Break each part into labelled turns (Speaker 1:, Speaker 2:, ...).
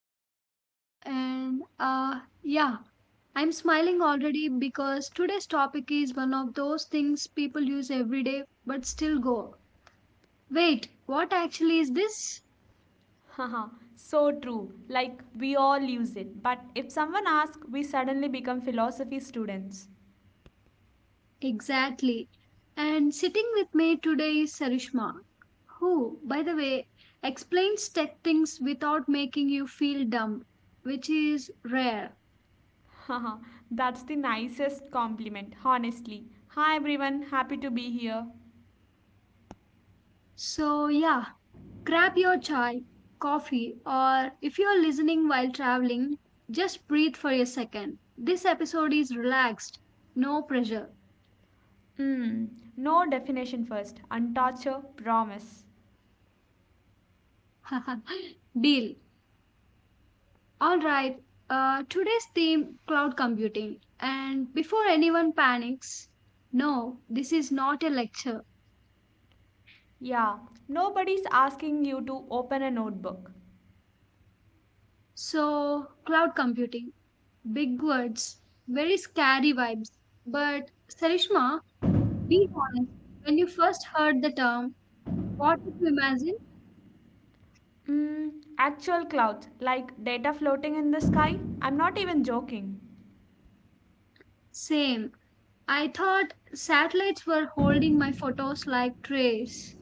Speaker 1: I'm Ramya and I'm smiling already because today's topic is one of those things people use every day but still go. Wait, what actually is this?
Speaker 2: Haha, so true. Like we all use it, but if someone asks, we suddenly become philosophy students.
Speaker 1: Exactly. And sitting with me today is Sarishma, who, by the way, explains tech things without making you feel dumb, which is rare.
Speaker 2: Haha, that's the nicest compliment, honestly. Hi everyone, happy to be here.
Speaker 1: So yeah, grab your chai, coffee, or if you're listening while traveling, just breathe for a second. This episode is relaxed, no pressure.
Speaker 2: Hmm, no definition first, and promise.
Speaker 1: Deal. All right. Today's theme, cloud computing. And before anyone panics, no, this is not a lecture.
Speaker 2: Yeah, nobody's asking you to open a notebook.
Speaker 1: So, cloud computing, big words, very scary vibes. But, Sarishma, be honest, when you first heard the term, what did you imagine?
Speaker 2: Hmm, Actual clouds, like data floating in the sky. I'm not even joking.
Speaker 1: Same. I thought satellites were holding my photos like trays.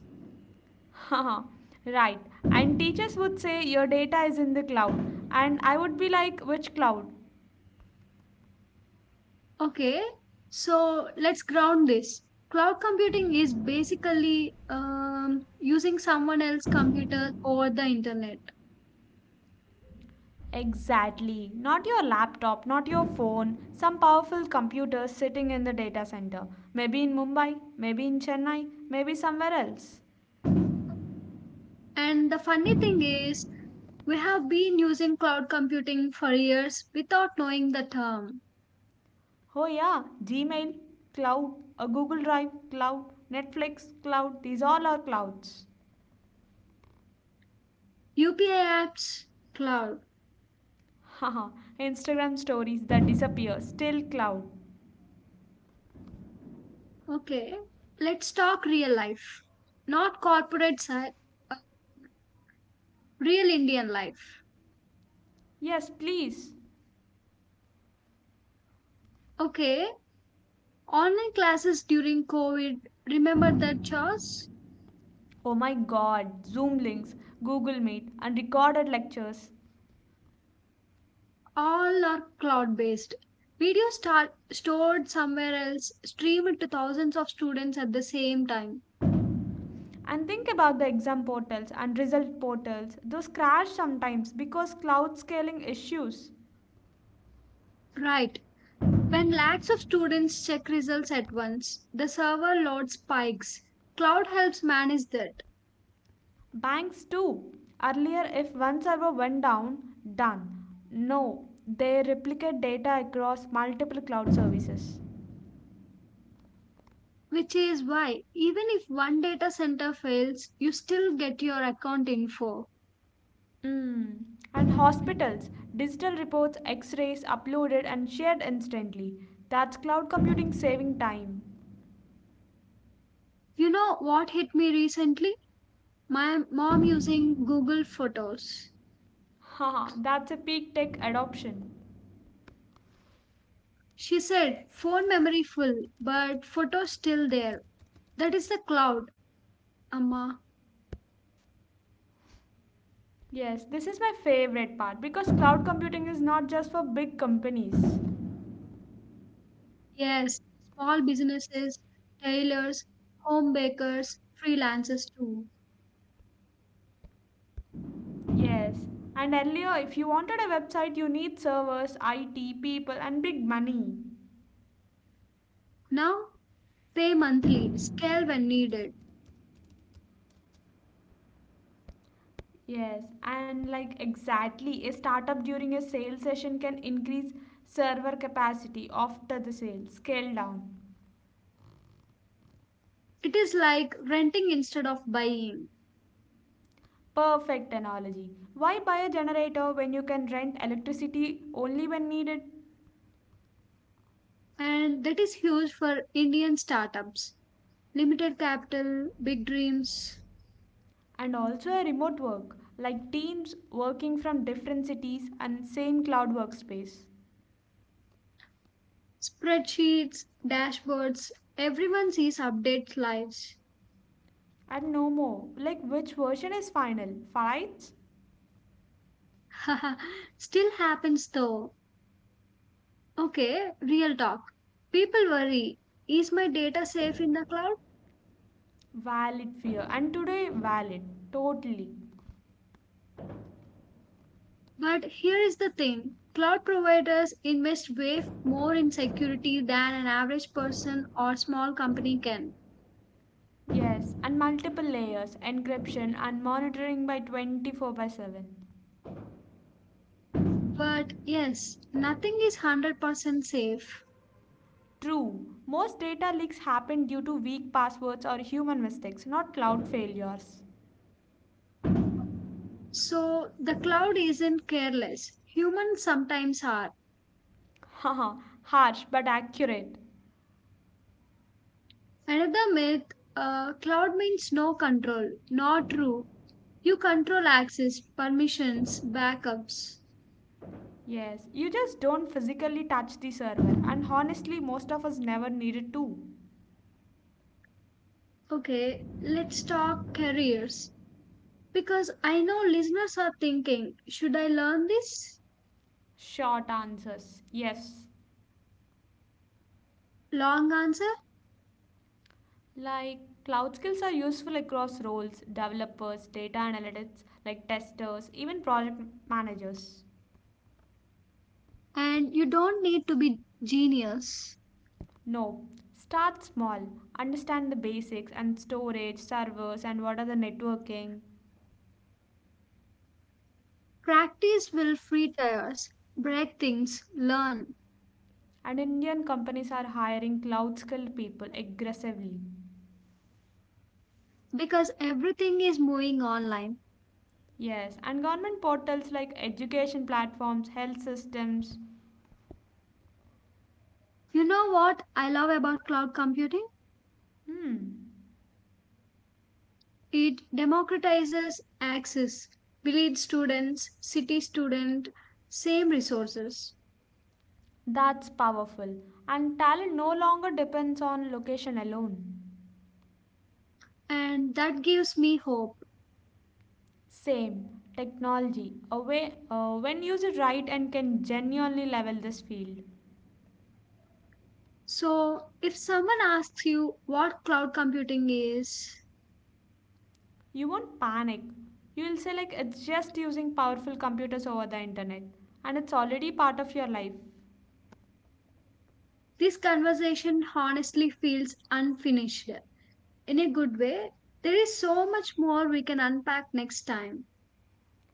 Speaker 2: Haha, right. And teachers would say your data is in the cloud. And I would be like, which cloud?
Speaker 1: Okay, so let's ground this. Cloud computing is basically using someone else's computer over the internet.
Speaker 2: Exactly. Not your laptop, not your phone. Some powerful computer sitting in the data center. Maybe in Mumbai, maybe in Chennai, maybe somewhere else.
Speaker 1: And the funny thing is, we have been using cloud computing for years without knowing the term.
Speaker 2: Oh, yeah. Gmail, cloud, a Google Drive, cloud, Netflix, cloud. These all are clouds.
Speaker 1: UPI apps, cloud.
Speaker 2: Haha. Instagram stories that disappear, still cloud.
Speaker 1: Okay, let's talk real life, not corporate side, real Indian life.
Speaker 2: Yes, please.
Speaker 1: Okay, online classes during COVID, remember that, Charles?
Speaker 2: Oh my god, Zoom links, Google Meet, and recorded lectures.
Speaker 1: All are cloud based. Videos start, stored somewhere else, streamed to thousands of students at the same time.
Speaker 2: And think about the exam portals and result portals. Those crash sometimes because cloud scaling issues.
Speaker 1: Right. When lakhs of students check results at once, the server load spikes. Cloud helps manage that,
Speaker 2: Banks too. Earlier, if one server went down, done. No, they replicate data across multiple cloud services.
Speaker 1: which is why, even if one data center fails, you still get your account info.
Speaker 2: Mm. And hospitals, digital reports, x rays uploaded and shared instantly. That's cloud computing saving time.
Speaker 1: You know what hit me recently? My mom using Google Photos.
Speaker 2: Haha, that's a peak tech adoption.
Speaker 1: She said, phone memory full, but photos still there. That is the cloud, Amma.
Speaker 2: Yes, this is my favorite part because cloud computing is not just for big companies.
Speaker 1: Yes, small businesses, tailors, home bakers, freelancers too.
Speaker 2: Yes, and earlier, if you wanted a website, you need servers, IT, people, and big money.
Speaker 1: Now pay monthly, scale when needed.
Speaker 2: Yes, and like exactly, a startup during a sale session can increase server capacity after the sale, scale down.
Speaker 1: It is like renting instead of buying.
Speaker 2: Perfect analogy. Why buy a generator when you can rent electricity only when needed?
Speaker 1: And that is huge for Indian startups. Limited capital, big dreams,
Speaker 2: And also a remote work like teams working from different cities and same cloud workspace.
Speaker 1: spreadsheets, dashboards. Everyone sees update lives.
Speaker 2: And no more like which version is final fights.
Speaker 1: Still happens though. Okay, real talk. People worry, is my data safe in the cloud?
Speaker 2: Valid fear, and today valid, totally.
Speaker 1: But here is the thing, cloud providers invest way more in security than an average person or small company can.
Speaker 2: Yes, and multiple layers encryption and monitoring by 24 by 7.
Speaker 1: But yes, nothing is 100% safe.
Speaker 2: True, most data leaks happen due to weak passwords or human mistakes, not cloud failures.
Speaker 1: So the cloud isn't careless. Humans sometimes are.
Speaker 2: Haha, harsh but accurate.
Speaker 1: Another myth, cloud means no control. Not true. You control access, permissions, backups.
Speaker 2: Yes, you just don't physically touch the server, and honestly, most of us never needed to.
Speaker 1: Okay, let's talk careers because I know listeners are thinking, should I learn this?
Speaker 2: Short answers yes.
Speaker 1: Long answer,
Speaker 2: Like, cloud skills are useful across roles developers, data analytics, like testers, even project managers.
Speaker 1: and you don't need to be genius.
Speaker 2: No, start small, understand the basics and storage, servers, and what are the networking.
Speaker 1: Practice will free tires, break things, learn,
Speaker 2: And Indian companies are hiring cloud skilled people aggressively.
Speaker 1: because everything is moving online.
Speaker 2: Yes, and government portals like education platforms, health systems.
Speaker 1: You know what I love about cloud computing?
Speaker 2: Hmm,
Speaker 1: It democratizes access, village students, city student, same resources,
Speaker 2: that's powerful. And talent no longer depends on location alone.
Speaker 1: and that gives me hope.
Speaker 2: Same, technology, a way, when used right and can genuinely level this field.
Speaker 1: So, if someone asks you what cloud computing is,
Speaker 2: You won't panic. You'll say, like, it's just using powerful computers over the internet, and it's already part of your life.
Speaker 1: this conversation honestly feels unfinished. In a good way, there is so much more we can unpack next time.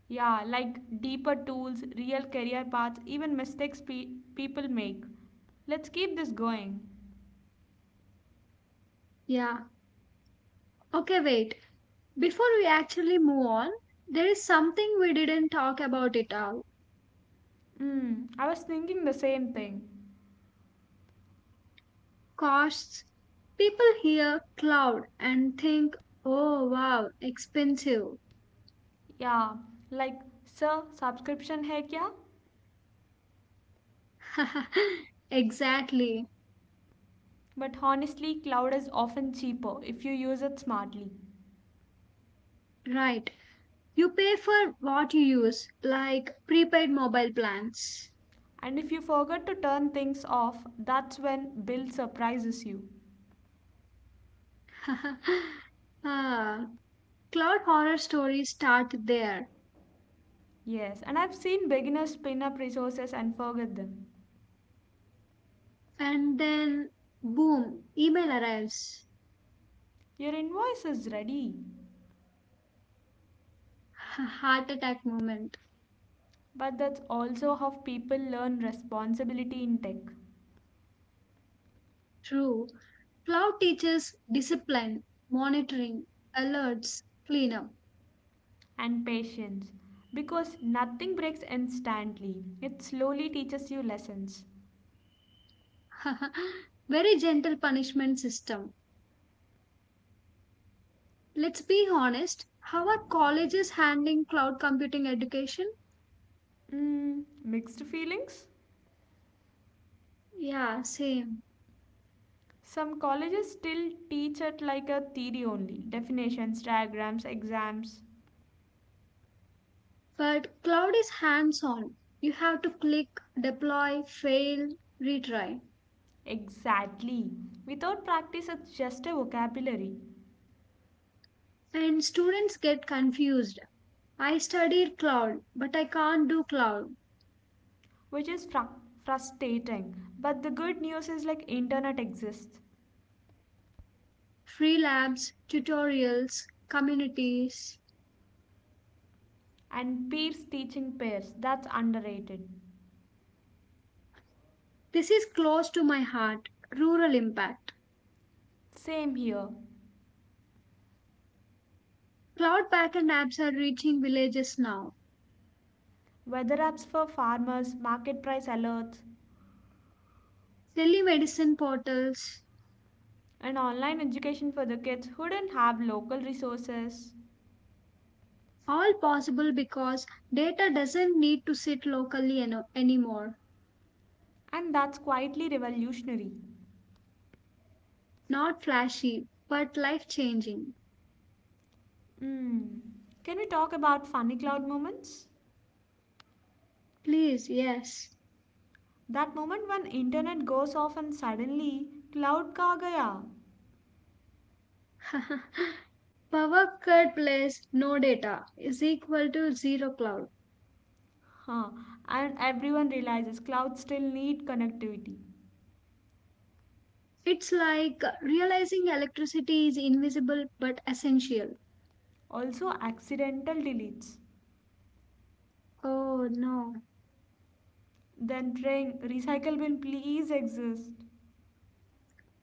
Speaker 2: Yeah, like deeper tools, real career paths, even mistakes people make. Let's keep this going.
Speaker 1: Yeah. Okay, wait. Before we actually move on, there is something we didn't talk about at all,
Speaker 2: I was thinking the same thing.
Speaker 1: costs. People hear cloud and think, oh wow, expensive.
Speaker 2: Yeah, like, sir, subscription hai kya?
Speaker 1: Exactly.
Speaker 2: But honestly, cloud is often cheaper if you use it smartly.
Speaker 1: Right. You pay for what you use, like prepaid mobile plans.
Speaker 2: And if you forget to turn things off, that's when bill surprises you.
Speaker 1: Ah, cloud horror stories start there,
Speaker 2: Yes, and I've seen beginners spin up resources and forget them.
Speaker 1: and then boom, email arrives.
Speaker 2: Your invoice is ready.
Speaker 1: Heart attack moment.
Speaker 2: But that's also how people learn responsibility in tech,
Speaker 1: True. Cloud teaches discipline, monitoring, alerts, cleanup.
Speaker 2: and patience, because nothing breaks instantly. It slowly teaches you lessons.
Speaker 1: Very gentle punishment system. Let's be honest. How are colleges handling cloud computing education?
Speaker 2: Mixed feelings?
Speaker 1: Yeah, same.
Speaker 2: Some colleges still teach it like a theory only definitions, diagrams, exams.
Speaker 1: But cloud is hands on. You have to click, deploy, fail, retry.
Speaker 2: Exactly. Without practice, it's just a vocabulary,
Speaker 1: And students get confused. I studied cloud, but I can't do cloud.
Speaker 2: which is frustrating. But the good news is like internet exists.
Speaker 1: Free labs, tutorials, communities.
Speaker 2: And peers teaching peers. That's underrated.
Speaker 1: This is close to my heart. Rural impact.
Speaker 2: Same here.
Speaker 1: Cloud backend apps are reaching villages now.
Speaker 2: Weather apps for farmers, market price alerts,
Speaker 1: Telemedicine portals.
Speaker 2: and online education for the kids who did not have local resources.
Speaker 1: All possible because data doesn't need to sit locally anymore.
Speaker 2: And that's quietly revolutionary.
Speaker 1: Not flashy, but life changing.
Speaker 2: Hmm. Can we talk about funny cloud moments?
Speaker 1: Please, yes.
Speaker 2: That moment when internet goes off and suddenly cloud ka gaya.
Speaker 1: Power cut plus no data is equal to zero cloud.
Speaker 2: Huh. And everyone realizes clouds still need connectivity.
Speaker 1: It's like realizing electricity is invisible but essential.
Speaker 2: Also accidental deletes.
Speaker 1: Oh no.
Speaker 2: Then ring recycle bin please exist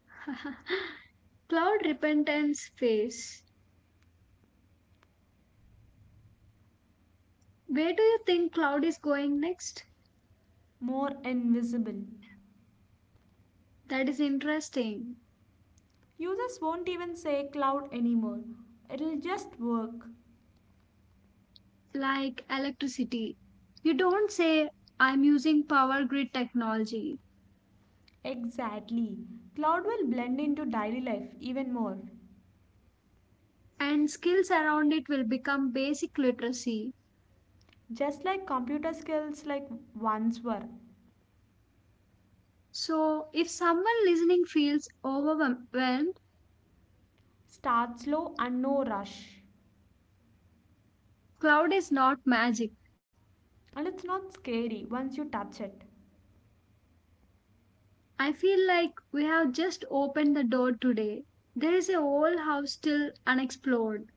Speaker 1: Cloud repentance phase. Where do you think cloud is going next?
Speaker 2: more invisible.
Speaker 1: That is interesting.
Speaker 2: Users won't even say cloud anymore. It'll just work.
Speaker 1: Like electricity. You don't say, I'm using power grid technology,
Speaker 2: Exactly. Cloud will blend into daily life even more.
Speaker 1: and skills around it will become basic literacy.
Speaker 2: Just like computer skills like once were.
Speaker 1: So, if someone listening feels overwhelmed,
Speaker 2: Start slow and no rush.
Speaker 1: cloud is not magic.
Speaker 2: And it's not scary once you touch it.
Speaker 1: I feel like we have just opened the door today. There is a whole house still unexplored.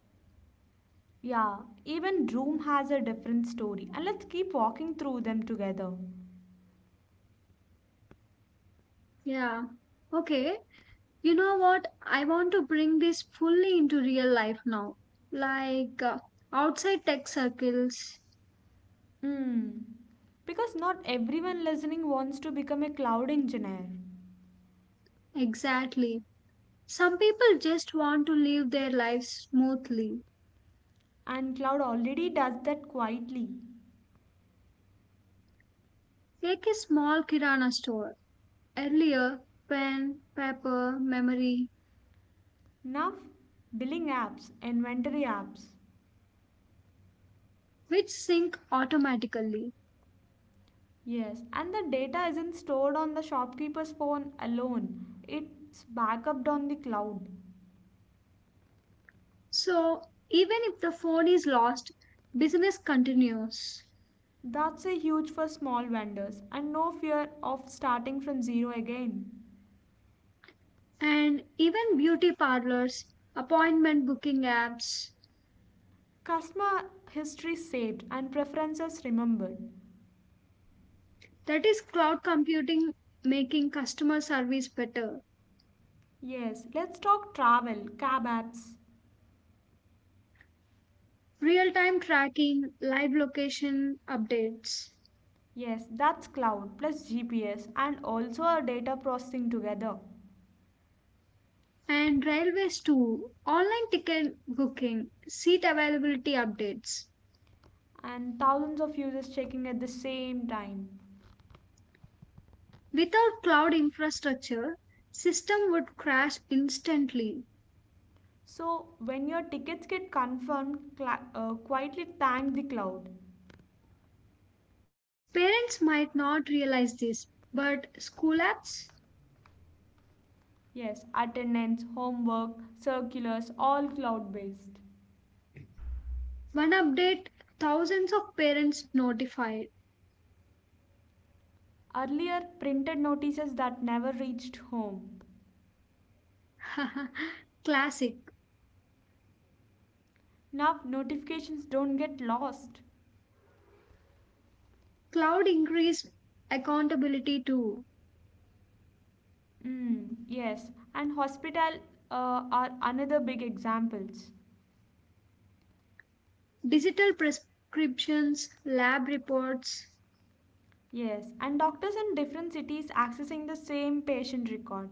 Speaker 2: Yeah, even Room has a different story, and let's keep walking through them together.
Speaker 1: Yeah. Okay. You know what? I want to bring this fully into real life now. Like outside tech circles.
Speaker 2: Hmm. Because not everyone listening wants to become a cloud engineer.
Speaker 1: Exactly. Some people just want to live their lives smoothly.
Speaker 2: And cloud already does that quietly.
Speaker 1: Take a small kirana store, earlier pen, paper, memory,
Speaker 2: Now, billing apps, inventory apps.
Speaker 1: which sync automatically.
Speaker 2: Yes, and the data isn't stored on the shopkeeper's phone alone, it's backuped on the cloud.
Speaker 1: So even if the phone is lost, business continues.
Speaker 2: That's a huge for small vendors and no fear of starting from zero again.
Speaker 1: And even beauty parlors, appointment booking apps,
Speaker 2: Customer history saved and preferences remembered.
Speaker 1: that is cloud computing making customer service better.
Speaker 2: Yes, let's talk travel, cab apps.
Speaker 1: Real time tracking, live location updates,
Speaker 2: Yes, that's cloud plus GPS and also our data processing together,
Speaker 1: and railways too. Online ticket booking, seat availability updates.
Speaker 2: and thousands of users checking at the same time.
Speaker 1: Without cloud infrastructure, system would crash instantly.
Speaker 2: So, when your tickets get confirmed, cla quietly thank the cloud.
Speaker 1: Parents might not realize this, but school apps?
Speaker 2: Yes, attendance, homework, circulars, all cloud based.
Speaker 1: One update, thousands of parents notified.
Speaker 2: Earlier, printed notices that never reached home.
Speaker 1: Classic.
Speaker 2: Now, notifications don't get lost.
Speaker 1: Cloud increased accountability too.
Speaker 2: Yes, and hospital are another big examples.
Speaker 1: Digital prescriptions, lab reports,
Speaker 2: Yes, and doctors in different cities accessing the same patient record,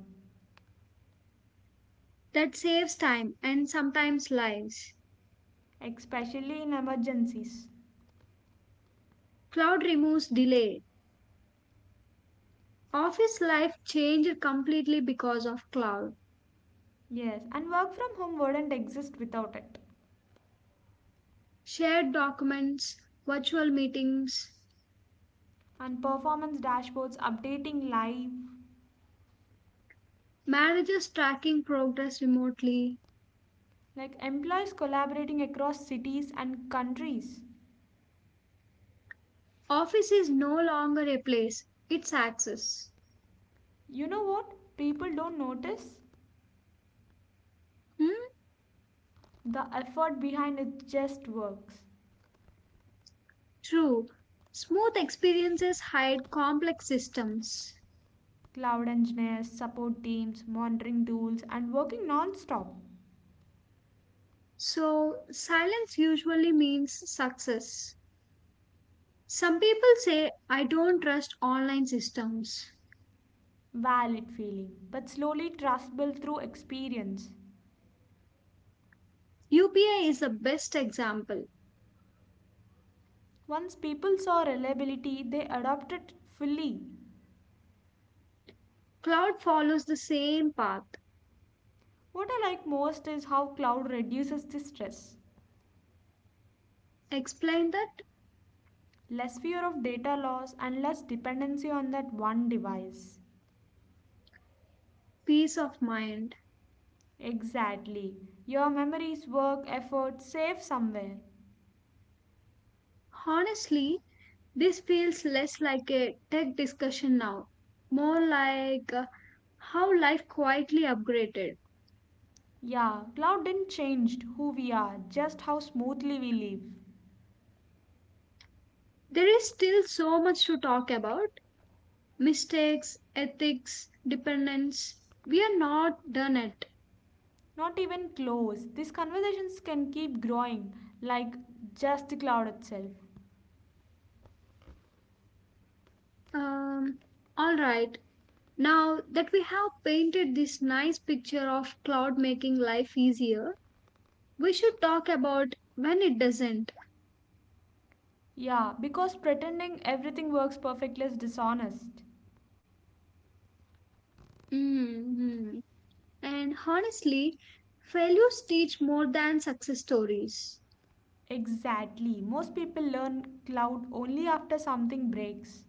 Speaker 1: that saves time and sometimes lives.
Speaker 2: especially in emergencies.
Speaker 1: Cloud removes delay. Office life changed completely because of cloud.
Speaker 2: Yes, and work from home wouldn't exist without it.
Speaker 1: Shared documents, virtual meetings,
Speaker 2: And performance dashboards updating live,
Speaker 1: managers tracking progress remotely.
Speaker 2: like employees collaborating across cities and countries.
Speaker 1: Office is no longer a place, it's access.
Speaker 2: You know what? People don't notice.
Speaker 1: Hmm?
Speaker 2: The effort behind it just works.
Speaker 1: True. Smooth experiences hide complex systems.
Speaker 2: Cloud engineers, support teams, monitoring tools, and working non stop.
Speaker 1: So, silence usually means success. Some people say, I don't trust online systems.
Speaker 2: Valid feeling, but slowly trust built through experience.
Speaker 1: UPI is the best example.
Speaker 2: Once people saw reliability, they adopted it fully.
Speaker 1: Cloud follows the same path.
Speaker 2: What I like most is how cloud reduces the stress.
Speaker 1: Explain that,
Speaker 2: Less fear of data loss and less dependency on that one device.
Speaker 1: peace of mind.
Speaker 2: Exactly. Your memories, work, effort, safe somewhere.
Speaker 1: Honestly, this feels less like a tech discussion now, more like how life quietly upgraded.
Speaker 2: Yeah, cloud didn't change who we are, just how smoothly we live.
Speaker 1: There is still so much to talk about, mistakes, ethics, dependence. We are not done yet.
Speaker 2: Not even close. These conversations can keep growing, like just the cloud itself.
Speaker 1: Um, all right, now that we have painted this nice picture of cloud making life easier, we should talk about when it doesn't.
Speaker 2: Yeah, because pretending everything works perfectly is dishonest.
Speaker 1: Mhm. And honestly, failures teach more than success stories.
Speaker 2: Exactly. Most people learn cloud only after something breaks.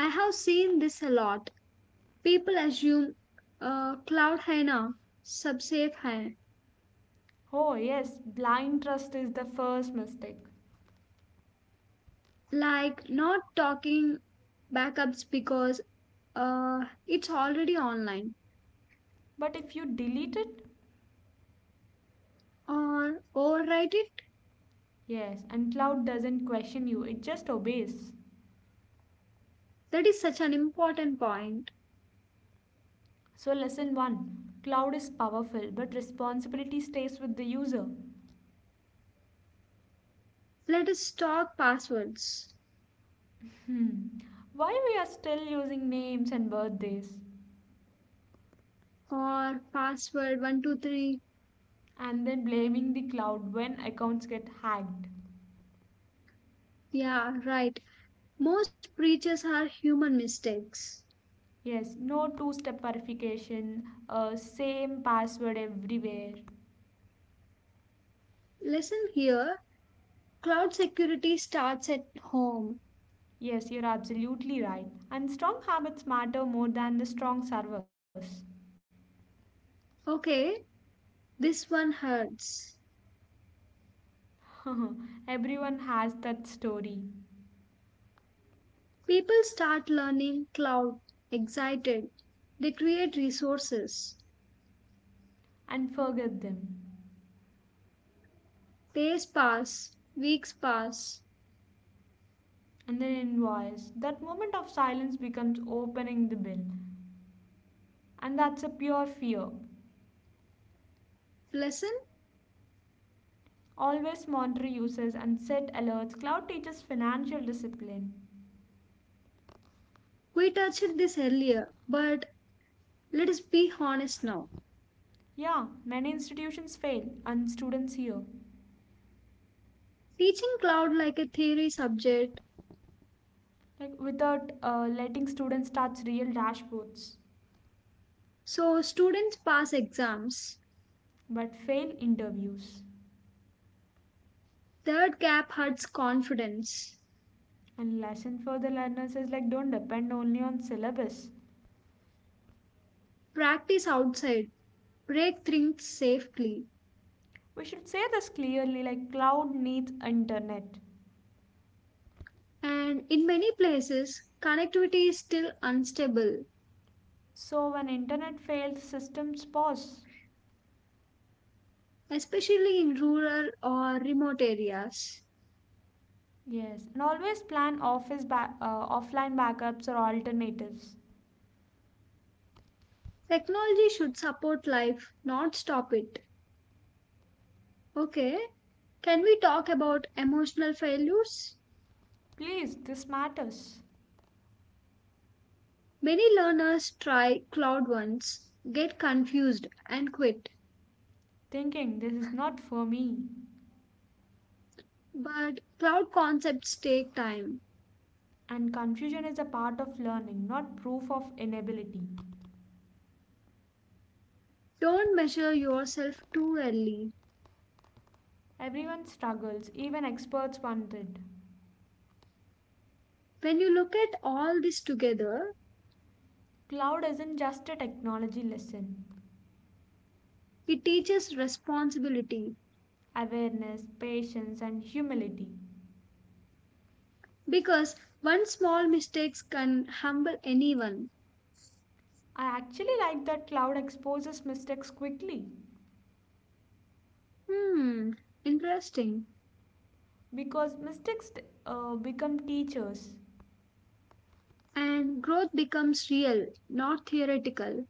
Speaker 1: I have seen this a lot. People assume, cloud hai na, sab safe hai.
Speaker 2: Oh, yes, blind trust is the first mistake.
Speaker 1: Like not talking backups because it's already online.
Speaker 2: But if you delete it,
Speaker 1: Or overwrite it.
Speaker 2: yes, and cloud doesn't question you, it just obeys.
Speaker 1: That is such an important point.
Speaker 2: So, lesson 1: Cloud is powerful, but responsibility stays with the user.
Speaker 1: Let us talk passwords.
Speaker 2: Hmm. Why we are still using names and birthdays
Speaker 1: Or password 123.
Speaker 2: and then blaming the cloud when accounts get hacked.
Speaker 1: Yeah, right. Most breaches are human mistakes.
Speaker 2: Yes, no two-step verification, same password everywhere.
Speaker 1: Lesson here, cloud security starts at home.
Speaker 2: Yes, you're absolutely right. And strong habits matter more than the strong servers.
Speaker 1: Okay, this one hurts.
Speaker 2: Everyone has that story
Speaker 1: People start learning cloud, excited. They create resources.
Speaker 2: and forget them.
Speaker 1: Days pass, weeks pass.
Speaker 2: And then invoice. That moment of silence becomes opening the bill. And that's a pure fear.
Speaker 1: Lesson?
Speaker 2: Always monitor users and set alerts. Cloud teaches financial discipline.
Speaker 1: We touched this earlier, but let us be honest now.
Speaker 2: Yeah, many institutions fail, and students here,
Speaker 1: Teaching cloud like a theory subject,
Speaker 2: like without letting students touch real dashboards,
Speaker 1: so students pass exams.
Speaker 2: but fail interviews.
Speaker 1: Third gap hurts confidence.
Speaker 2: And lesson for the learners is like don't depend only on syllabus.
Speaker 1: Practice outside, break things safely.
Speaker 2: We should say this clearly. Like cloud needs internet.
Speaker 1: And in many places, connectivity is still unstable,
Speaker 2: So when internet fails, systems pause.
Speaker 1: especially in rural or remote areas.
Speaker 2: Yes, and always plan office offline backups or alternatives.
Speaker 1: Technology should support life, not stop it. Okay, can we talk about emotional failures?
Speaker 2: Please, this matters.
Speaker 1: Many learners try cloud once, get confused, and quit.
Speaker 2: Thinking this is not for me.
Speaker 1: But cloud concepts take time.
Speaker 2: And confusion is a part of learning, not proof of inability.
Speaker 1: Don't measure yourself too early.
Speaker 2: Everyone struggles, even experts want it.
Speaker 1: When you look at all this together,
Speaker 2: Cloud isn't just a technology lesson.
Speaker 1: it teaches responsibility.
Speaker 2: Awareness, patience, and humility.
Speaker 1: Because one small mistake can humble anyone.
Speaker 2: I actually like that cloud exposes mistakes quickly
Speaker 1: Hmm, interesting.
Speaker 2: because mistakes become teachers.
Speaker 1: And growth becomes real, not theoretical.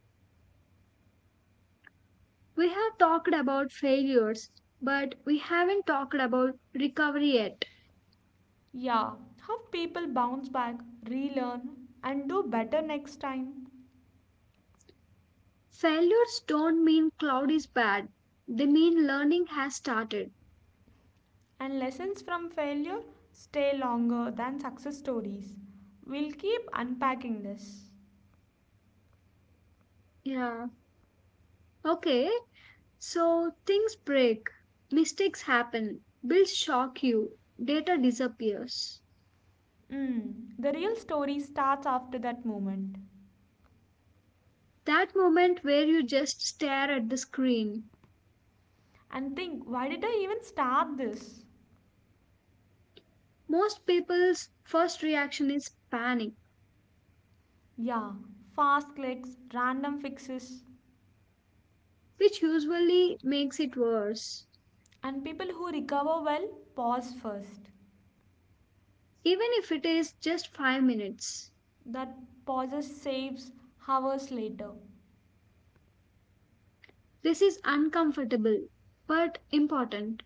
Speaker 1: We have talked about failures, but we haven't talked about recovery yet.
Speaker 2: Yeah, have people bounce back, relearn, and do better next time.
Speaker 1: Failures don't mean cloud is bad, they mean learning has started.
Speaker 2: And lessons from failure stay longer than success stories. We'll keep unpacking this.
Speaker 1: Yeah. Okay, so things break, mistakes happen, bills shock you, data disappears.
Speaker 2: The real story starts after that moment.
Speaker 1: That moment where you just stare at the screen.
Speaker 2: And think, why did I even start this?
Speaker 1: Most people's first reaction is panic,
Speaker 2: Yeah, fast clicks, random fixes.
Speaker 1: which usually makes it worse.
Speaker 2: And people who recover well pause first.
Speaker 1: Even if it is just 5 minutes.
Speaker 2: That pauses saves hours later.
Speaker 1: This is uncomfortable, but important.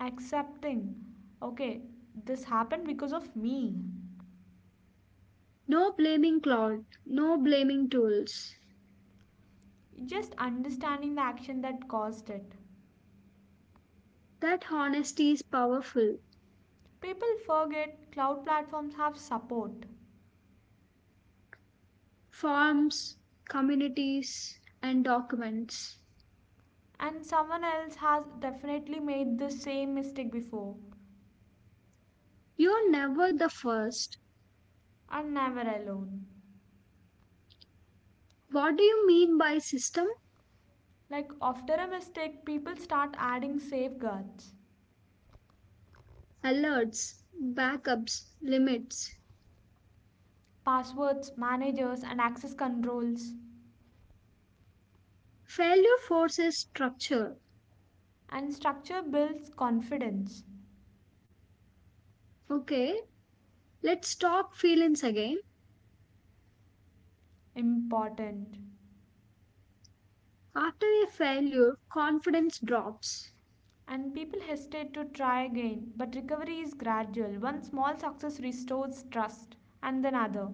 Speaker 2: Accepting, okay, this happened because of me.
Speaker 1: No blaming Claude, no blaming tools.
Speaker 2: Just understanding the action that caused it.
Speaker 1: That honesty is powerful.
Speaker 2: People forget cloud platforms have support,
Speaker 1: Forms, communities, and documents.
Speaker 2: and someone else has definitely made the same mistake before
Speaker 1: You're never the first.
Speaker 2: and never alone.
Speaker 1: What do you mean by system?
Speaker 2: Like after a mistake, people start adding safeguards,
Speaker 1: Alerts, backups, limits.
Speaker 2: passwords, managers, and access controls,
Speaker 1: Failure forces structure.
Speaker 2: and structure builds confidence.
Speaker 1: Okay, let's talk feelings again.
Speaker 2: Important.
Speaker 1: After a failure, confidence drops
Speaker 2: And people hesitate to try again, but recovery is gradual. One small success restores trust, and then other.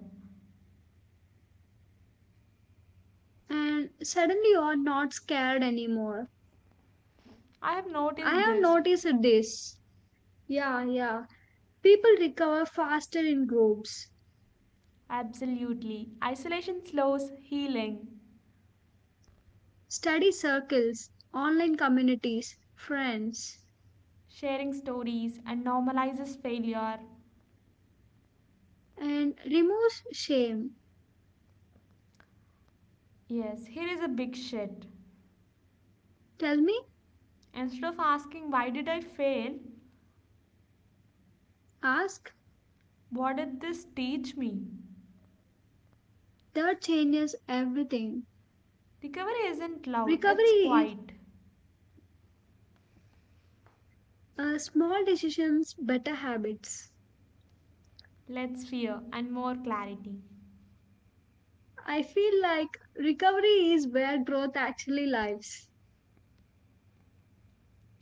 Speaker 1: and suddenly you're not scared anymore.
Speaker 2: I have
Speaker 1: I
Speaker 2: noticed
Speaker 1: have
Speaker 2: this.
Speaker 1: noticed this. Yeah, yeah. People recover faster in groups,
Speaker 2: Absolutely. Isolation slows healing,
Speaker 1: study circles, online communities, friends,
Speaker 2: sharing stories, and normalizes failure.
Speaker 1: and removes shame.
Speaker 2: Yes, here is a big shit.
Speaker 1: Tell me,
Speaker 2: Instead of asking, why did I fail?
Speaker 1: ask.
Speaker 2: What did this teach me?
Speaker 1: That changes everything.
Speaker 2: Recovery isn't loud, it's
Speaker 1: Recovery,
Speaker 2: quiet.
Speaker 1: Small decisions, better habits.
Speaker 2: Let's fear and more clarity.
Speaker 1: I feel like recovery is where growth actually lies.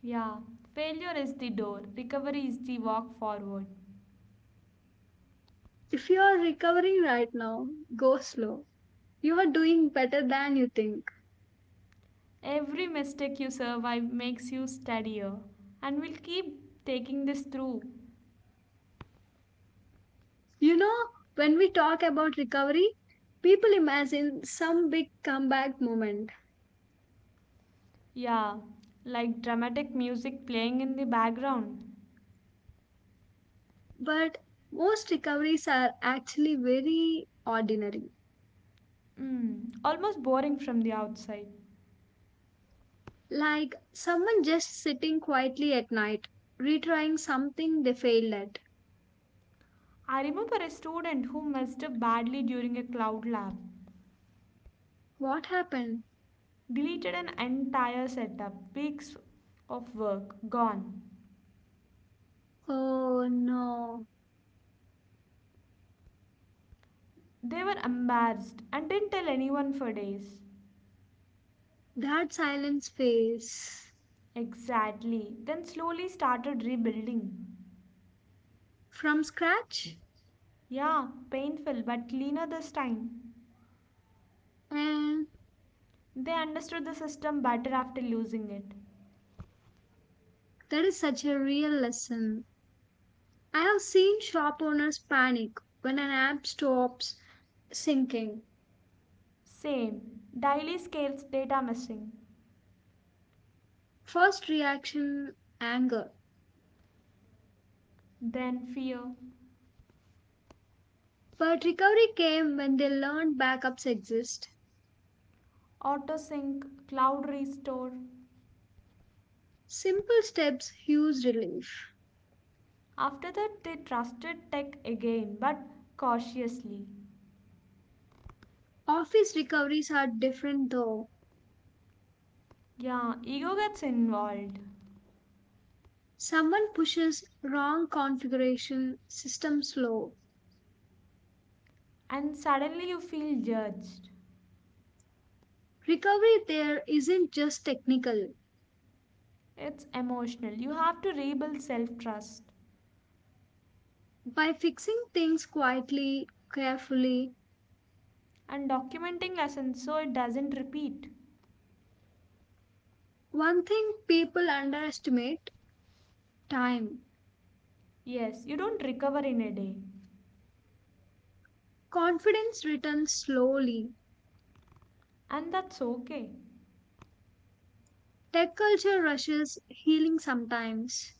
Speaker 2: Yeah, failure is the door, recovery is the walk forward.
Speaker 1: If you are recovering right now, go slow. You are doing better than you think.
Speaker 2: Every mistake you survive makes you steadier, and we'll keep taking this through.
Speaker 1: You know, when we talk about recovery, people imagine some big comeback moment,
Speaker 2: Yeah, like dramatic music playing in the background.
Speaker 1: but most recoveries are actually very ordinary.
Speaker 2: Almost boring from the outside.
Speaker 1: Like someone just sitting quietly at night, retrying something they failed at.
Speaker 2: I remember a student who messed up badly during a cloud lab.
Speaker 1: What happened?
Speaker 2: Deleted an entire setup, weeks of work gone.
Speaker 1: Oh no,
Speaker 2: They were embarrassed and didn't tell anyone for days.
Speaker 1: that silence phase
Speaker 2: Exactly. Then slowly started rebuilding.
Speaker 1: from scratch.
Speaker 2: Yeah, painful but cleaner this time.
Speaker 1: And
Speaker 2: They understood the system better after losing it.
Speaker 1: that is such a real lesson. I have seen shop owners panic when an app stops sinking.
Speaker 2: Same. Daily scales data missing.
Speaker 1: First reaction, anger.
Speaker 2: Then fear.
Speaker 1: But recovery came when they learned backups exist.
Speaker 2: Autosync, cloud restore.
Speaker 1: Simple steps, huge relief.
Speaker 2: After that, they trusted tech again but cautiously.
Speaker 1: Office recoveries are different though.
Speaker 2: Yeah, ego gets involved.
Speaker 1: Someone pushes wrong configuration, system slow.
Speaker 2: And suddenly you feel judged.
Speaker 1: Recovery there isn't just technical.
Speaker 2: It's emotional. You have to rebuild self trust.
Speaker 1: By fixing things quietly, carefully,
Speaker 2: And documenting lessons so it doesn't repeat.
Speaker 1: one thing people underestimate, time.
Speaker 2: Yes, you don't recover in a day,
Speaker 1: Confidence returns slowly.
Speaker 2: and that's okay.
Speaker 1: Tech culture rushes healing sometimes.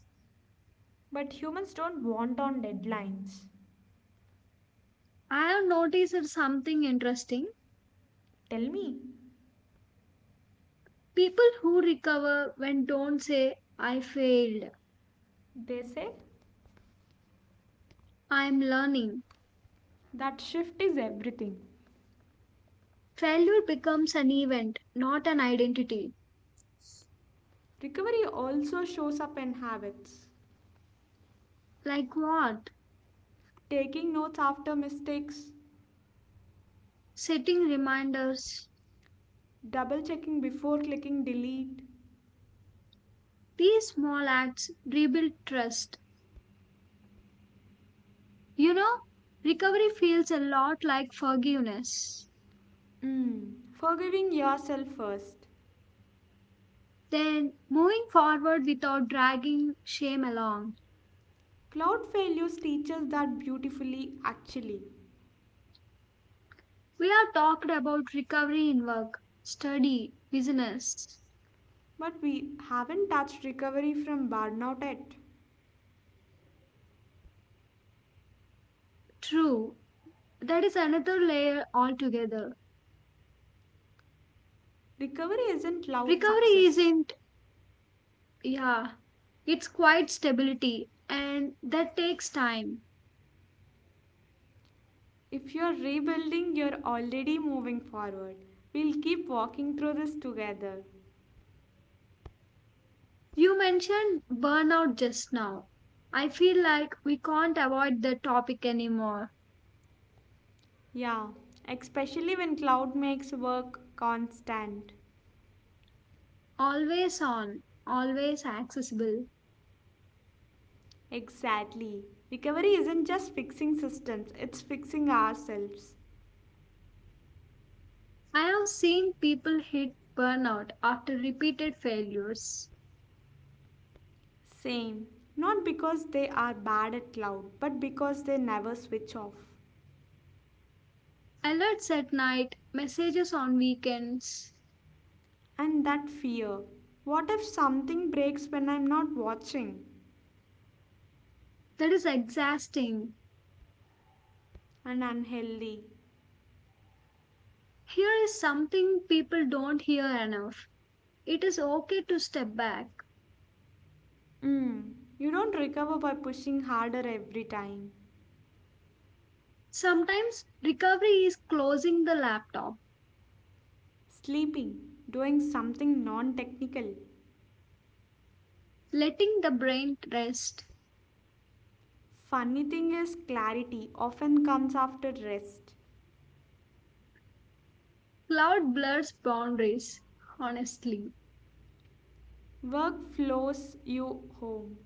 Speaker 2: But humans don't want on deadlines.
Speaker 1: I have noticed something interesting.
Speaker 2: Tell me,
Speaker 1: People who recover when don't say, I failed,
Speaker 2: they say
Speaker 1: I'm learning.
Speaker 2: that shift is everything.
Speaker 1: Failure becomes an event, not an identity.
Speaker 2: Recovery also shows up in habits.
Speaker 1: Like what?
Speaker 2: Taking notes after mistakes,
Speaker 1: Setting reminders,
Speaker 2: double checking before clicking delete,
Speaker 1: these small acts rebuild trust. You know, recovery feels a lot like forgiveness.
Speaker 2: forgiving yourself first.
Speaker 1: Then, moving forward without dragging shame along.
Speaker 2: Cloud failures teach us that beautifully, actually.
Speaker 1: We have talked about recovery in work, study, business.
Speaker 2: But we haven't touched recovery from burnout yet.
Speaker 1: True, that is another layer altogether.
Speaker 2: Recovery isn't loud
Speaker 1: Recovery
Speaker 2: success.
Speaker 1: isn't, yeah, it's quite stability and that takes time.
Speaker 2: If you're rebuilding, you're already moving forward. We'll keep walking through this together.
Speaker 1: You mentioned burnout just now. I feel like we can't avoid the topic anymore.
Speaker 2: Yeah, especially when cloud makes work constant.
Speaker 1: Always on, always accessible.
Speaker 2: Exactly. Recovery isn't just fixing systems, it's fixing ourselves.
Speaker 1: I have seen people hit burnout after repeated failures.
Speaker 2: Same. Not because they are bad at cloud, but because they never switch off.
Speaker 1: Alerts at night, messages on weekends.
Speaker 2: And that fear. What if something breaks when I'm not watching?
Speaker 1: That is exhausting.
Speaker 2: And unhealthy.
Speaker 1: Here is something people don't hear enough. It is okay to step back.
Speaker 2: Mm. You don't recover by pushing harder every time.
Speaker 1: Sometimes recovery is closing the laptop,
Speaker 2: Sleeping, doing something non technical.
Speaker 1: letting the brain rest.
Speaker 2: Funny thing is, clarity often comes after rest.
Speaker 1: Cloud blurs boundaries, honestly.
Speaker 2: Work flows you home.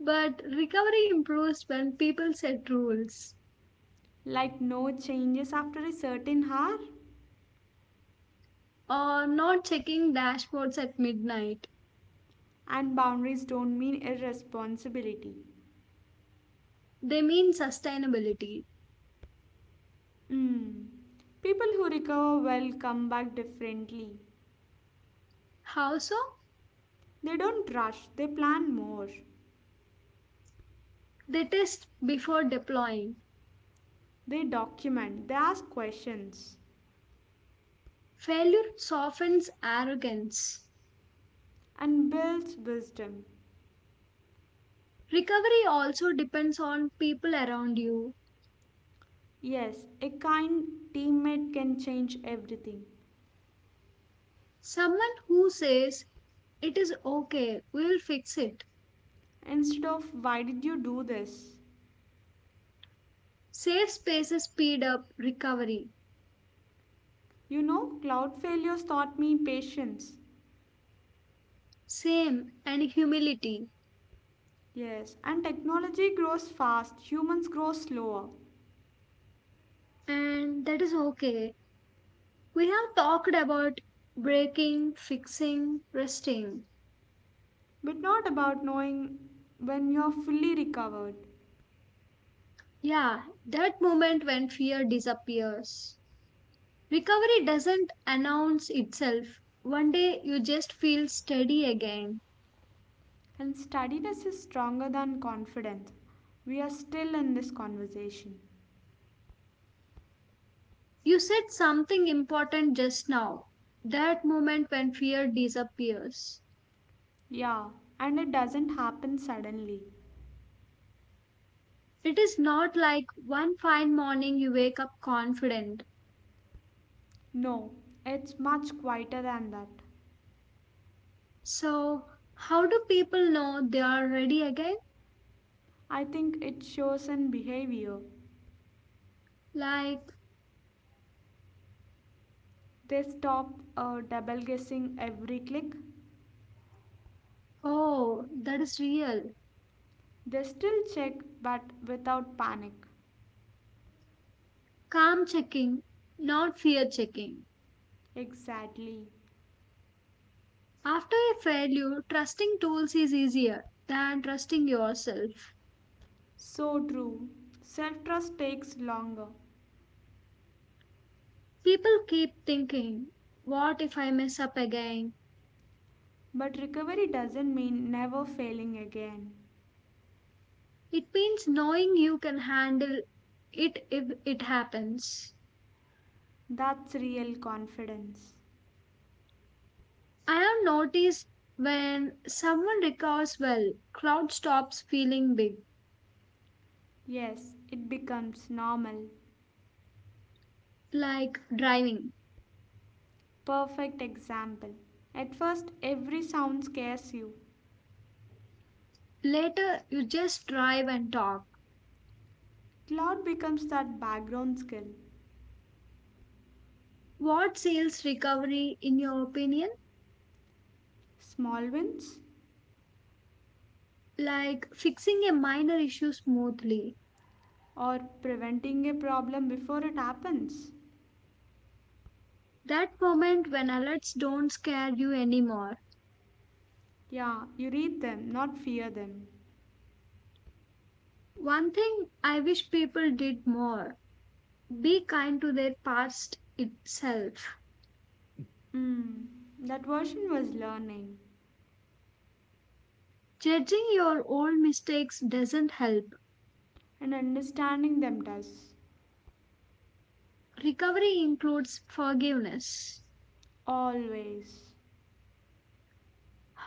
Speaker 1: But recovery improves when people set rules
Speaker 2: Like no changes after a certain hour,
Speaker 1: or not checking dashboards at midnight.
Speaker 2: and boundaries don't mean irresponsibility.
Speaker 1: They mean sustainability.
Speaker 2: Mm. People who recover well come back differently.
Speaker 1: How so?
Speaker 2: They don't rush, they plan more.
Speaker 1: They test before deploying.
Speaker 2: They document, they ask questions,
Speaker 1: Failure softens arrogance.
Speaker 2: and builds wisdom.
Speaker 1: Recovery also depends on people around you.
Speaker 2: Yes, a kind teammate can change everything.
Speaker 1: Someone who says, it is okay, we will fix it.
Speaker 2: Instead of why did you do this?
Speaker 1: Safe spaces speed up recovery.
Speaker 2: Cloud failures taught me patience.
Speaker 1: Same and humility.
Speaker 2: Yes, and technology grows fast, humans grow slower.
Speaker 1: And that is okay. We have talked about breaking, fixing, resting.
Speaker 2: But not about knowing when you're fully recovered.
Speaker 1: Yeah, that moment when fear disappears. Recovery doesn't announce itself. One day you just feel steady again.
Speaker 2: And steadiness is stronger than confidence. We are still in this conversation.
Speaker 1: You said something important just now. That moment when fear disappears.
Speaker 2: Yeah, and it doesn't happen suddenly.
Speaker 1: It is not like one fine morning you wake up confident.
Speaker 2: No, it's much quieter than that.
Speaker 1: So, how do people know they are ready again?
Speaker 2: I think it shows in behavior.
Speaker 1: Like,
Speaker 2: They stop double guessing every click.
Speaker 1: oh, that is real.
Speaker 2: They still check but without panic.
Speaker 1: Calm checking, not fear checking.
Speaker 2: Exactly.
Speaker 1: After a failure, trusting tools is easier than trusting yourself.
Speaker 2: So true. Self trust takes longer.
Speaker 1: People keep thinking, what if I mess up again?
Speaker 2: But recovery doesn't mean never failing again.
Speaker 1: It means knowing you can handle it if it happens.
Speaker 2: That's real confidence.
Speaker 1: I have noticed when someone recovers well, crowd stops feeling big,
Speaker 2: Yes, it becomes normal.
Speaker 1: like driving.
Speaker 2: Perfect example. At first, every sound scares you.
Speaker 1: Later, you just drive and talk.
Speaker 2: Cloud becomes that background skill.
Speaker 1: What sales recovery, in your opinion,
Speaker 2: Small wins
Speaker 1: like fixing a minor issue smoothly?
Speaker 2: or preventing a problem before it happens.
Speaker 1: That moment when alerts don't scare you anymore.
Speaker 2: Yeah, you read them, not fear them.
Speaker 1: One thing I wish people did more, be kind to their past itself.
Speaker 2: Mm, that version was learning
Speaker 1: Judging your old mistakes doesn't help.
Speaker 2: and understanding them does.
Speaker 1: Recovery includes forgiveness.
Speaker 2: Always.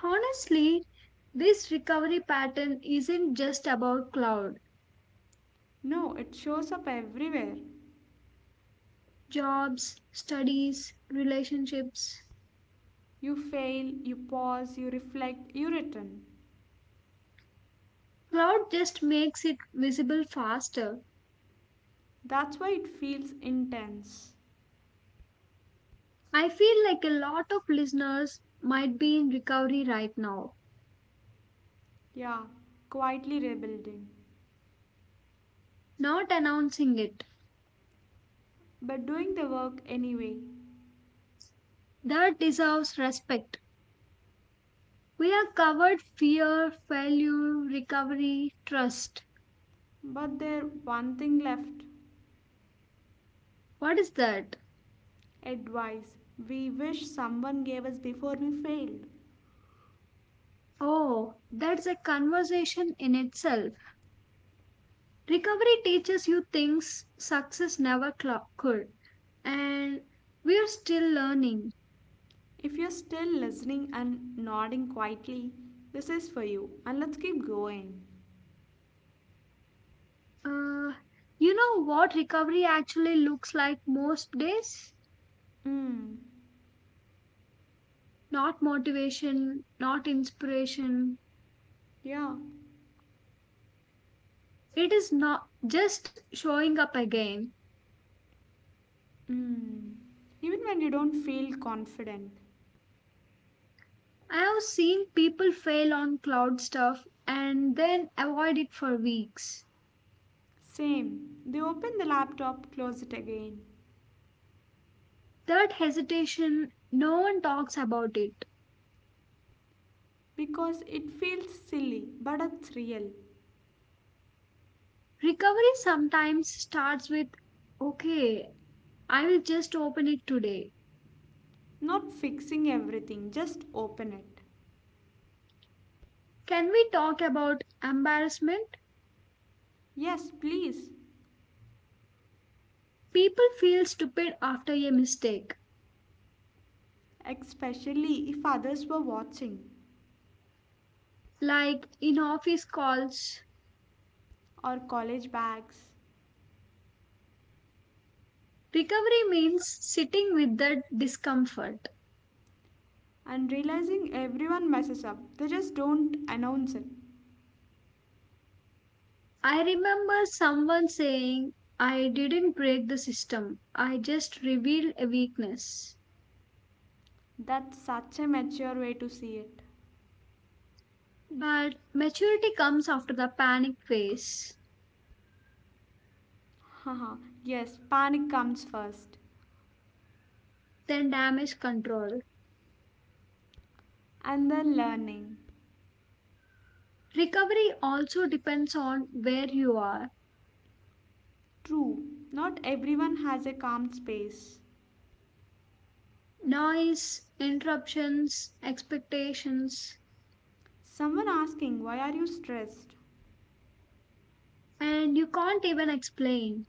Speaker 1: Honestly, this recovery pattern isn't just about cloud,
Speaker 2: No, it shows up everywhere.
Speaker 1: jobs, studies, relationships.
Speaker 2: You fail, you pause, you reflect, you return.
Speaker 1: Cloud just makes it visible faster.
Speaker 2: That's why it feels intense.
Speaker 1: I feel like a lot of listeners might be in recovery right now,
Speaker 2: Yeah, quietly rebuilding.
Speaker 1: not announcing it.
Speaker 2: But doing the work anyway.
Speaker 1: That deserves respect. We have covered fear, failure, recovery, trust.
Speaker 2: But there one thing left.
Speaker 1: What is that?
Speaker 2: Advice we wish someone gave us before we failed.
Speaker 1: Oh, that's a conversation in itself. Recovery teaches you things success never could, and we are still learning.
Speaker 2: If you're still listening and nodding quietly, this is for you. And let's keep going.
Speaker 1: Uh, you know what recovery actually looks like most days?
Speaker 2: Mm.
Speaker 1: Not motivation, not inspiration.
Speaker 2: Yeah.
Speaker 1: It is not just showing up again.
Speaker 2: Mm. Even when you don't feel confident,
Speaker 1: I have seen people fail on cloud stuff and then avoid it for weeks.
Speaker 2: same. They open the laptop, close it again.
Speaker 1: That hesitation, no one talks about it.
Speaker 2: Because it feels silly, but it's real.
Speaker 1: Recovery sometimes starts with, okay, I will just open it today.
Speaker 2: Not fixing everything, just open it.
Speaker 1: Can we talk about embarrassment?
Speaker 2: Yes, please.
Speaker 1: People feel stupid after a mistake.
Speaker 2: Especially if others were watching.
Speaker 1: Like in office calls,
Speaker 2: Or college bags.
Speaker 1: recovery means sitting with that discomfort.
Speaker 2: And realizing everyone messes up, they just don't announce it.
Speaker 1: I remember someone saying, I didn't break the system, I just revealed a weakness.
Speaker 2: That's such a mature way to see it.
Speaker 1: But maturity comes after the panic phase,
Speaker 2: Haha, yes, panic comes first.
Speaker 1: then damage control.
Speaker 2: And then learning.
Speaker 1: Recovery also depends on where you are.
Speaker 2: True, not everyone has a calm space.
Speaker 1: Noise, interruptions, expectations,
Speaker 2: Someone asking, why are you stressed?
Speaker 1: and you can't even explain.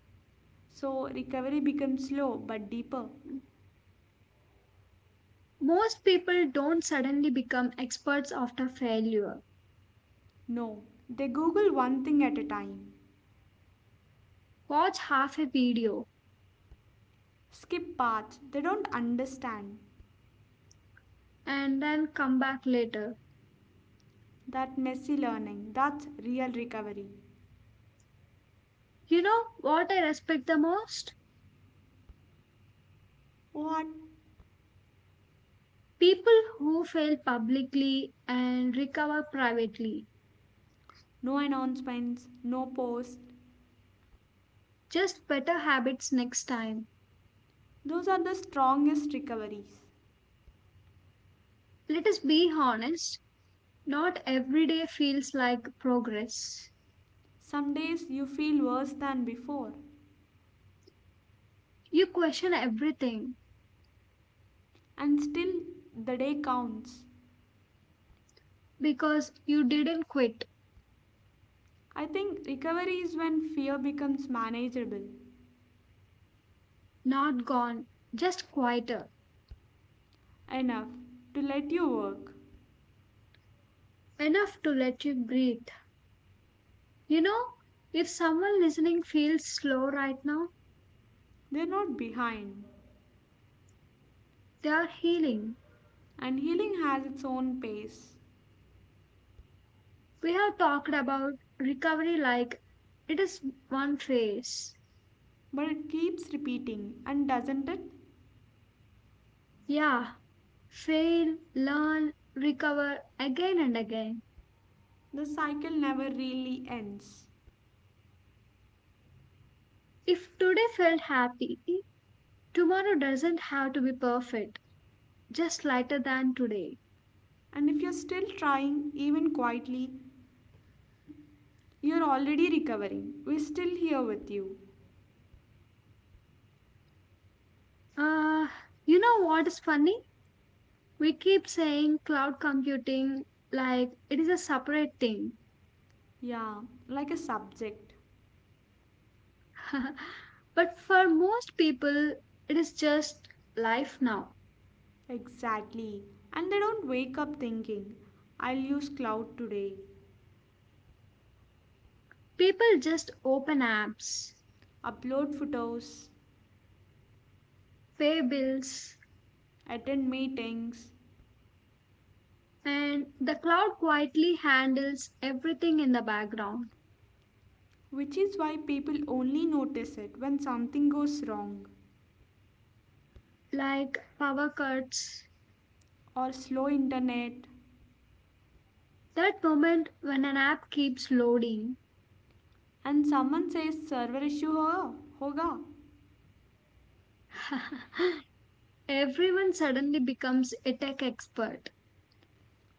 Speaker 2: So recovery becomes slow but deeper.
Speaker 1: Most people don't suddenly become experts after failure.
Speaker 2: No, they Google one thing at a time,
Speaker 1: Watch half a video
Speaker 2: skip paths they don't understand.
Speaker 1: and then come back later.
Speaker 2: That messy learning, that's real recovery.
Speaker 1: You know what I respect the most?
Speaker 2: What?
Speaker 1: People who fail publicly and recover privately.
Speaker 2: No announcements, no post.
Speaker 1: Just better habits next time.
Speaker 2: Those are the strongest recoveries.
Speaker 1: Let us be honest, not every day feels like progress.
Speaker 2: Some days you feel worse than before,
Speaker 1: You question everything
Speaker 2: and still the day counts.
Speaker 1: because you didn't quit,
Speaker 2: I think recovery is when fear becomes manageable
Speaker 1: not gone, just quieter.
Speaker 2: enough to let you work.
Speaker 1: Enough to let you breathe. You know, if someone listening feels slow right now,
Speaker 2: They're not behind.
Speaker 1: they are healing.
Speaker 2: And healing has its own pace,
Speaker 1: We have talked about recovery like it is one phase.
Speaker 2: but it keeps repeating, and doesn't it?
Speaker 1: Yeah, fail, learn, recover again and again.
Speaker 2: The cycle never really ends.
Speaker 1: If today felt happy, tomorrow doesn't have to be perfect, just lighter than today.
Speaker 2: And if you're still trying, even quietly, you're already recovering. We're still here with you.
Speaker 1: Uh, you know what is funny? We keep saying cloud computing like it is a separate thing.
Speaker 2: Yeah, like a subject.
Speaker 1: But for most people, it is just life now.
Speaker 2: Exactly. And they don't wake up thinking, I'll use cloud today.
Speaker 1: People just open apps,
Speaker 2: Upload photos,
Speaker 1: pay bills,
Speaker 2: attend meetings,
Speaker 1: and the cloud quietly handles everything in the background,
Speaker 2: which is why people only notice it when something goes wrong
Speaker 1: like power cuts.
Speaker 2: or slow internet
Speaker 1: That moment when an app keeps loading,
Speaker 2: and someone says server issue hoga
Speaker 1: everyone suddenly becomes a tech expert.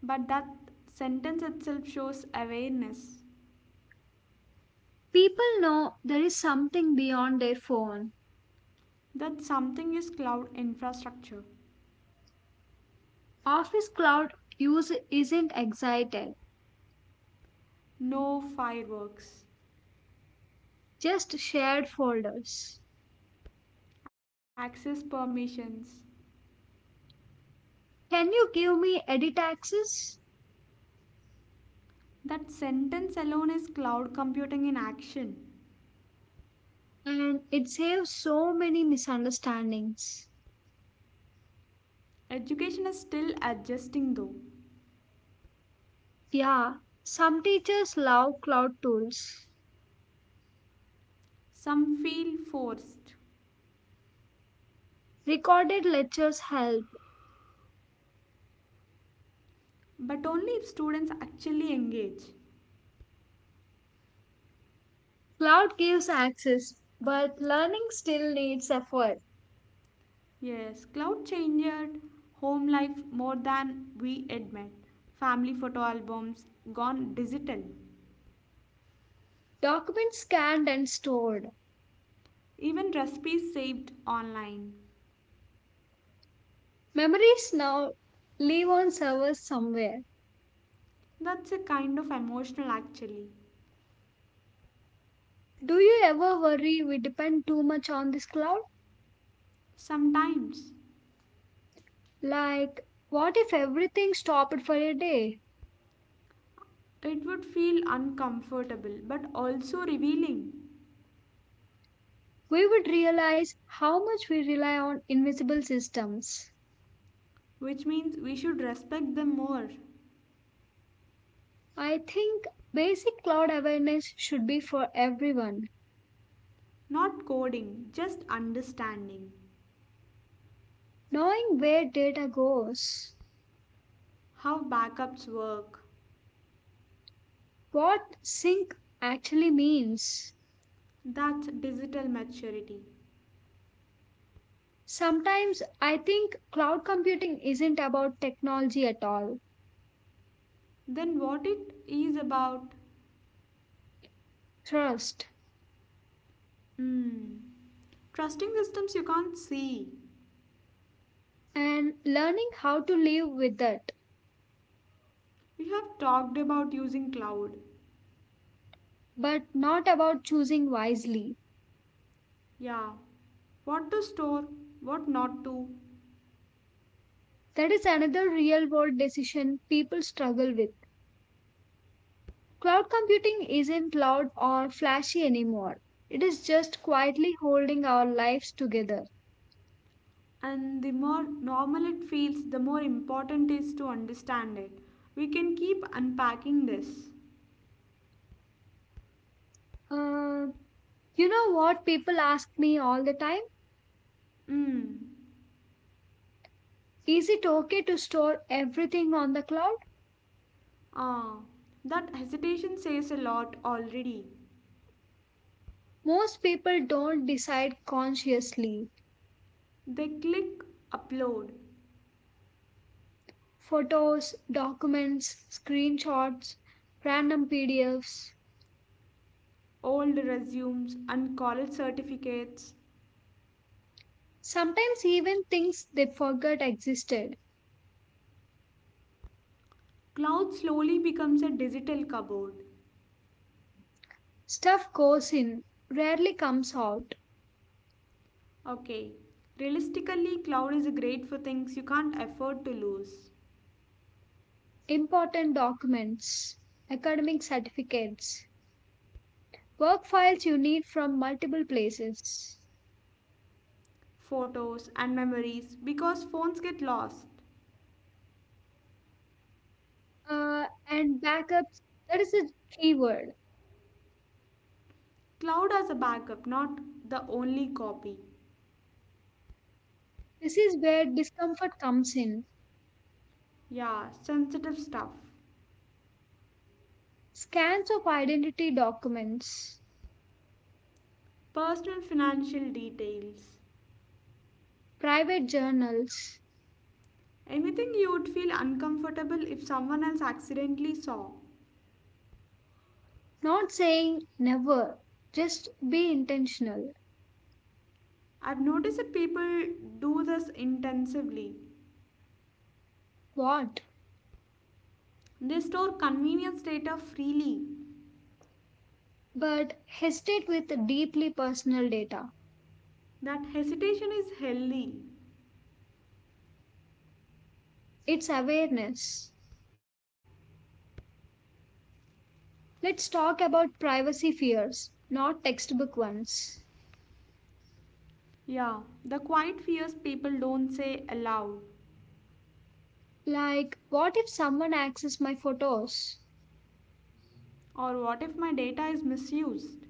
Speaker 2: but that sentence itself shows awareness
Speaker 1: People know there is something beyond their phone.
Speaker 2: that something is cloud infrastructure,
Speaker 1: Office Cloud use isn't excited.
Speaker 2: no fireworks,
Speaker 1: Just shared folders.
Speaker 2: access permissions.
Speaker 1: Can you give me edit access?
Speaker 2: That sentence alone is cloud computing in action.
Speaker 1: And it saves so many misunderstandings.
Speaker 2: Education is still adjusting though.
Speaker 1: Yeah, some teachers love cloud tools.
Speaker 2: Some feel forced,
Speaker 1: Recorded lectures help.
Speaker 2: but only if students actually engage.
Speaker 1: Cloud gives access, but learning still needs effort.
Speaker 2: Yes, cloud changed home life more than we admit. Family photo albums gone digital.
Speaker 1: Documents scanned and stored.
Speaker 2: Even recipes saved online.
Speaker 1: Memories now live on servers somewhere.
Speaker 2: That's a kind of emotional actually.
Speaker 1: Do you ever worry we depend too much on this cloud?
Speaker 2: Sometimes
Speaker 1: Like, what if everything stopped for a day?
Speaker 2: it would feel uncomfortable but also revealing,
Speaker 1: We would realize how much we rely on invisible systems.
Speaker 2: which means we should respect them more.
Speaker 1: I think basic cloud awareness should be for everyone.
Speaker 2: Not coding, just understanding.
Speaker 1: Knowing where data goes,
Speaker 2: How backups work.
Speaker 1: what sync actually means.
Speaker 2: That's digital maturity.
Speaker 1: Sometimes I think cloud computing isn't about technology at all.
Speaker 2: Then what it is about?
Speaker 1: Trust
Speaker 2: Hmm, trusting systems you can't see.
Speaker 1: and learning how to live with it,
Speaker 2: We have talked about using cloud.
Speaker 1: but not about choosing wisely.
Speaker 2: Yeah. What to store, what not to.
Speaker 1: That is another real world decision people struggle with. Cloud computing isn't loud or flashy anymore. It is just quietly holding our lives together.
Speaker 2: And the more normal it feels, the more important it is to understand it. We can keep unpacking this.
Speaker 1: Uh, you know what people ask me all the time?
Speaker 2: Hmm.
Speaker 1: Is it okay to store everything on the cloud?
Speaker 2: Ah, that hesitation says a lot already.
Speaker 1: Most people don't decide consciously.
Speaker 2: They click upload
Speaker 1: Photos, documents, screenshots, random PDFs.
Speaker 2: old resumes and college certificates.
Speaker 1: Sometimes even things they forgot existed.
Speaker 2: Cloud slowly becomes a digital cupboard.
Speaker 1: Stuff goes in, rarely comes out.
Speaker 2: Okay, realistically, cloud is great for things you can't afford to lose
Speaker 1: Important documents, academic certificates, work files you need from multiple places,
Speaker 2: photos and memories because phones get lost.
Speaker 1: and backups. That is the key word.
Speaker 2: Cloud as a backup, not the only copy.
Speaker 1: This is where discomfort comes in.
Speaker 2: Yeah, sensitive stuff.
Speaker 1: Scans of identity documents,
Speaker 2: Personal financial details.
Speaker 1: private journals.
Speaker 2: Anything you would feel uncomfortable if someone else accidentally saw.
Speaker 1: Not saying never, just be intentional.
Speaker 2: I've noticed that people do this intensively.
Speaker 1: What?
Speaker 2: They store convenience data freely.
Speaker 1: But hesitate with deeply personal data.
Speaker 2: That hesitation is healthy.
Speaker 1: It's awareness. Let's talk about privacy fears, not textbook ones.
Speaker 2: Yeah, the quiet fears people don't say aloud.
Speaker 1: Like, what if someone accesses my photos?
Speaker 2: Or what if my data is misused?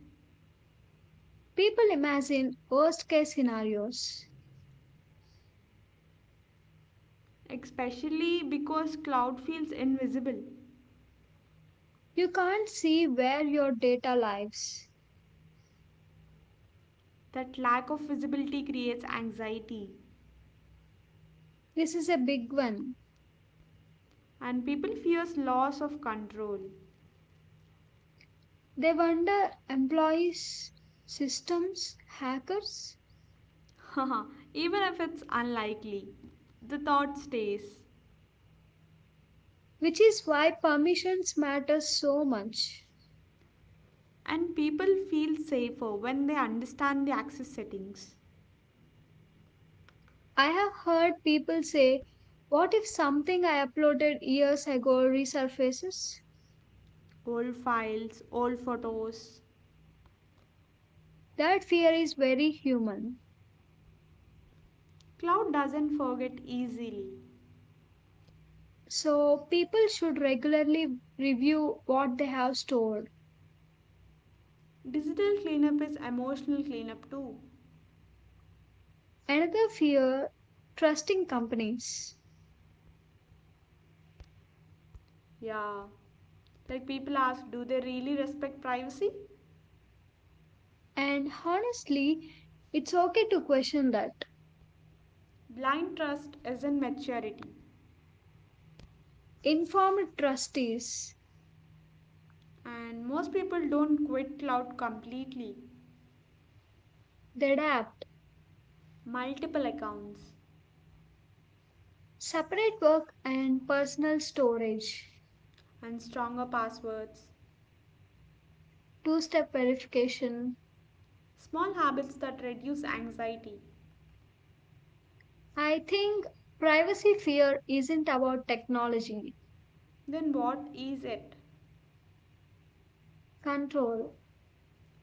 Speaker 1: People imagine worst case scenarios.
Speaker 2: Especially because cloud feels invisible.
Speaker 1: You can't see where your data lives.
Speaker 2: That lack of visibility creates anxiety.
Speaker 1: This is a big one.
Speaker 2: And people fears loss of control.
Speaker 1: They wonder employees, systems, hackers,
Speaker 2: Even if it's unlikely, the thought stays.
Speaker 1: which is why permissions matter so much.
Speaker 2: And people feel safer when they understand the access settings.
Speaker 1: I have heard people say, what if something I uploaded years ago resurfaces?
Speaker 2: Old files, old photos.
Speaker 1: That fear is very human.
Speaker 2: Cloud doesn't forget easily.
Speaker 1: So, people should regularly review what they have stored.
Speaker 2: Digital cleanup is emotional cleanup too.
Speaker 1: Another fear trusting companies.
Speaker 2: Yeah. Like people ask, do they really respect privacy?
Speaker 1: And honestly, it's okay to question that.
Speaker 2: Blind trust isn't maturity.
Speaker 1: Informed trustees,
Speaker 2: And most people don't quit cloud completely.
Speaker 1: they adapt,
Speaker 2: Multiple accounts
Speaker 1: separate work and personal storage,
Speaker 2: and stronger passwords.
Speaker 1: two step verification.
Speaker 2: Small habits that reduce anxiety.
Speaker 1: I think privacy fear isn't about technology,
Speaker 2: Then what is it?
Speaker 1: control,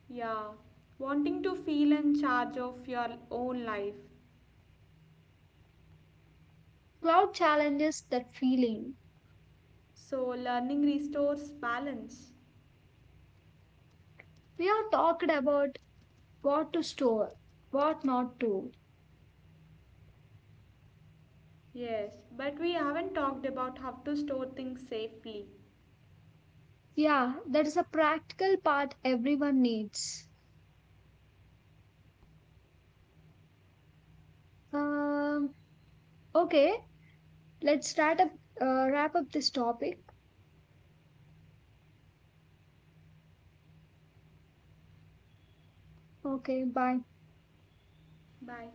Speaker 2: Yeah, wanting to feel in charge of your own life.
Speaker 1: cloud challenges that feeling.
Speaker 2: So, learning restores balance.
Speaker 1: We have talked about what to store, what not to.
Speaker 2: Yes, but we haven't talked about how to store things safely.
Speaker 1: Yeah, that is a practical part everyone needs. Um, okay, let's start up, wrap up this topic. Okay, bye.
Speaker 2: Bye.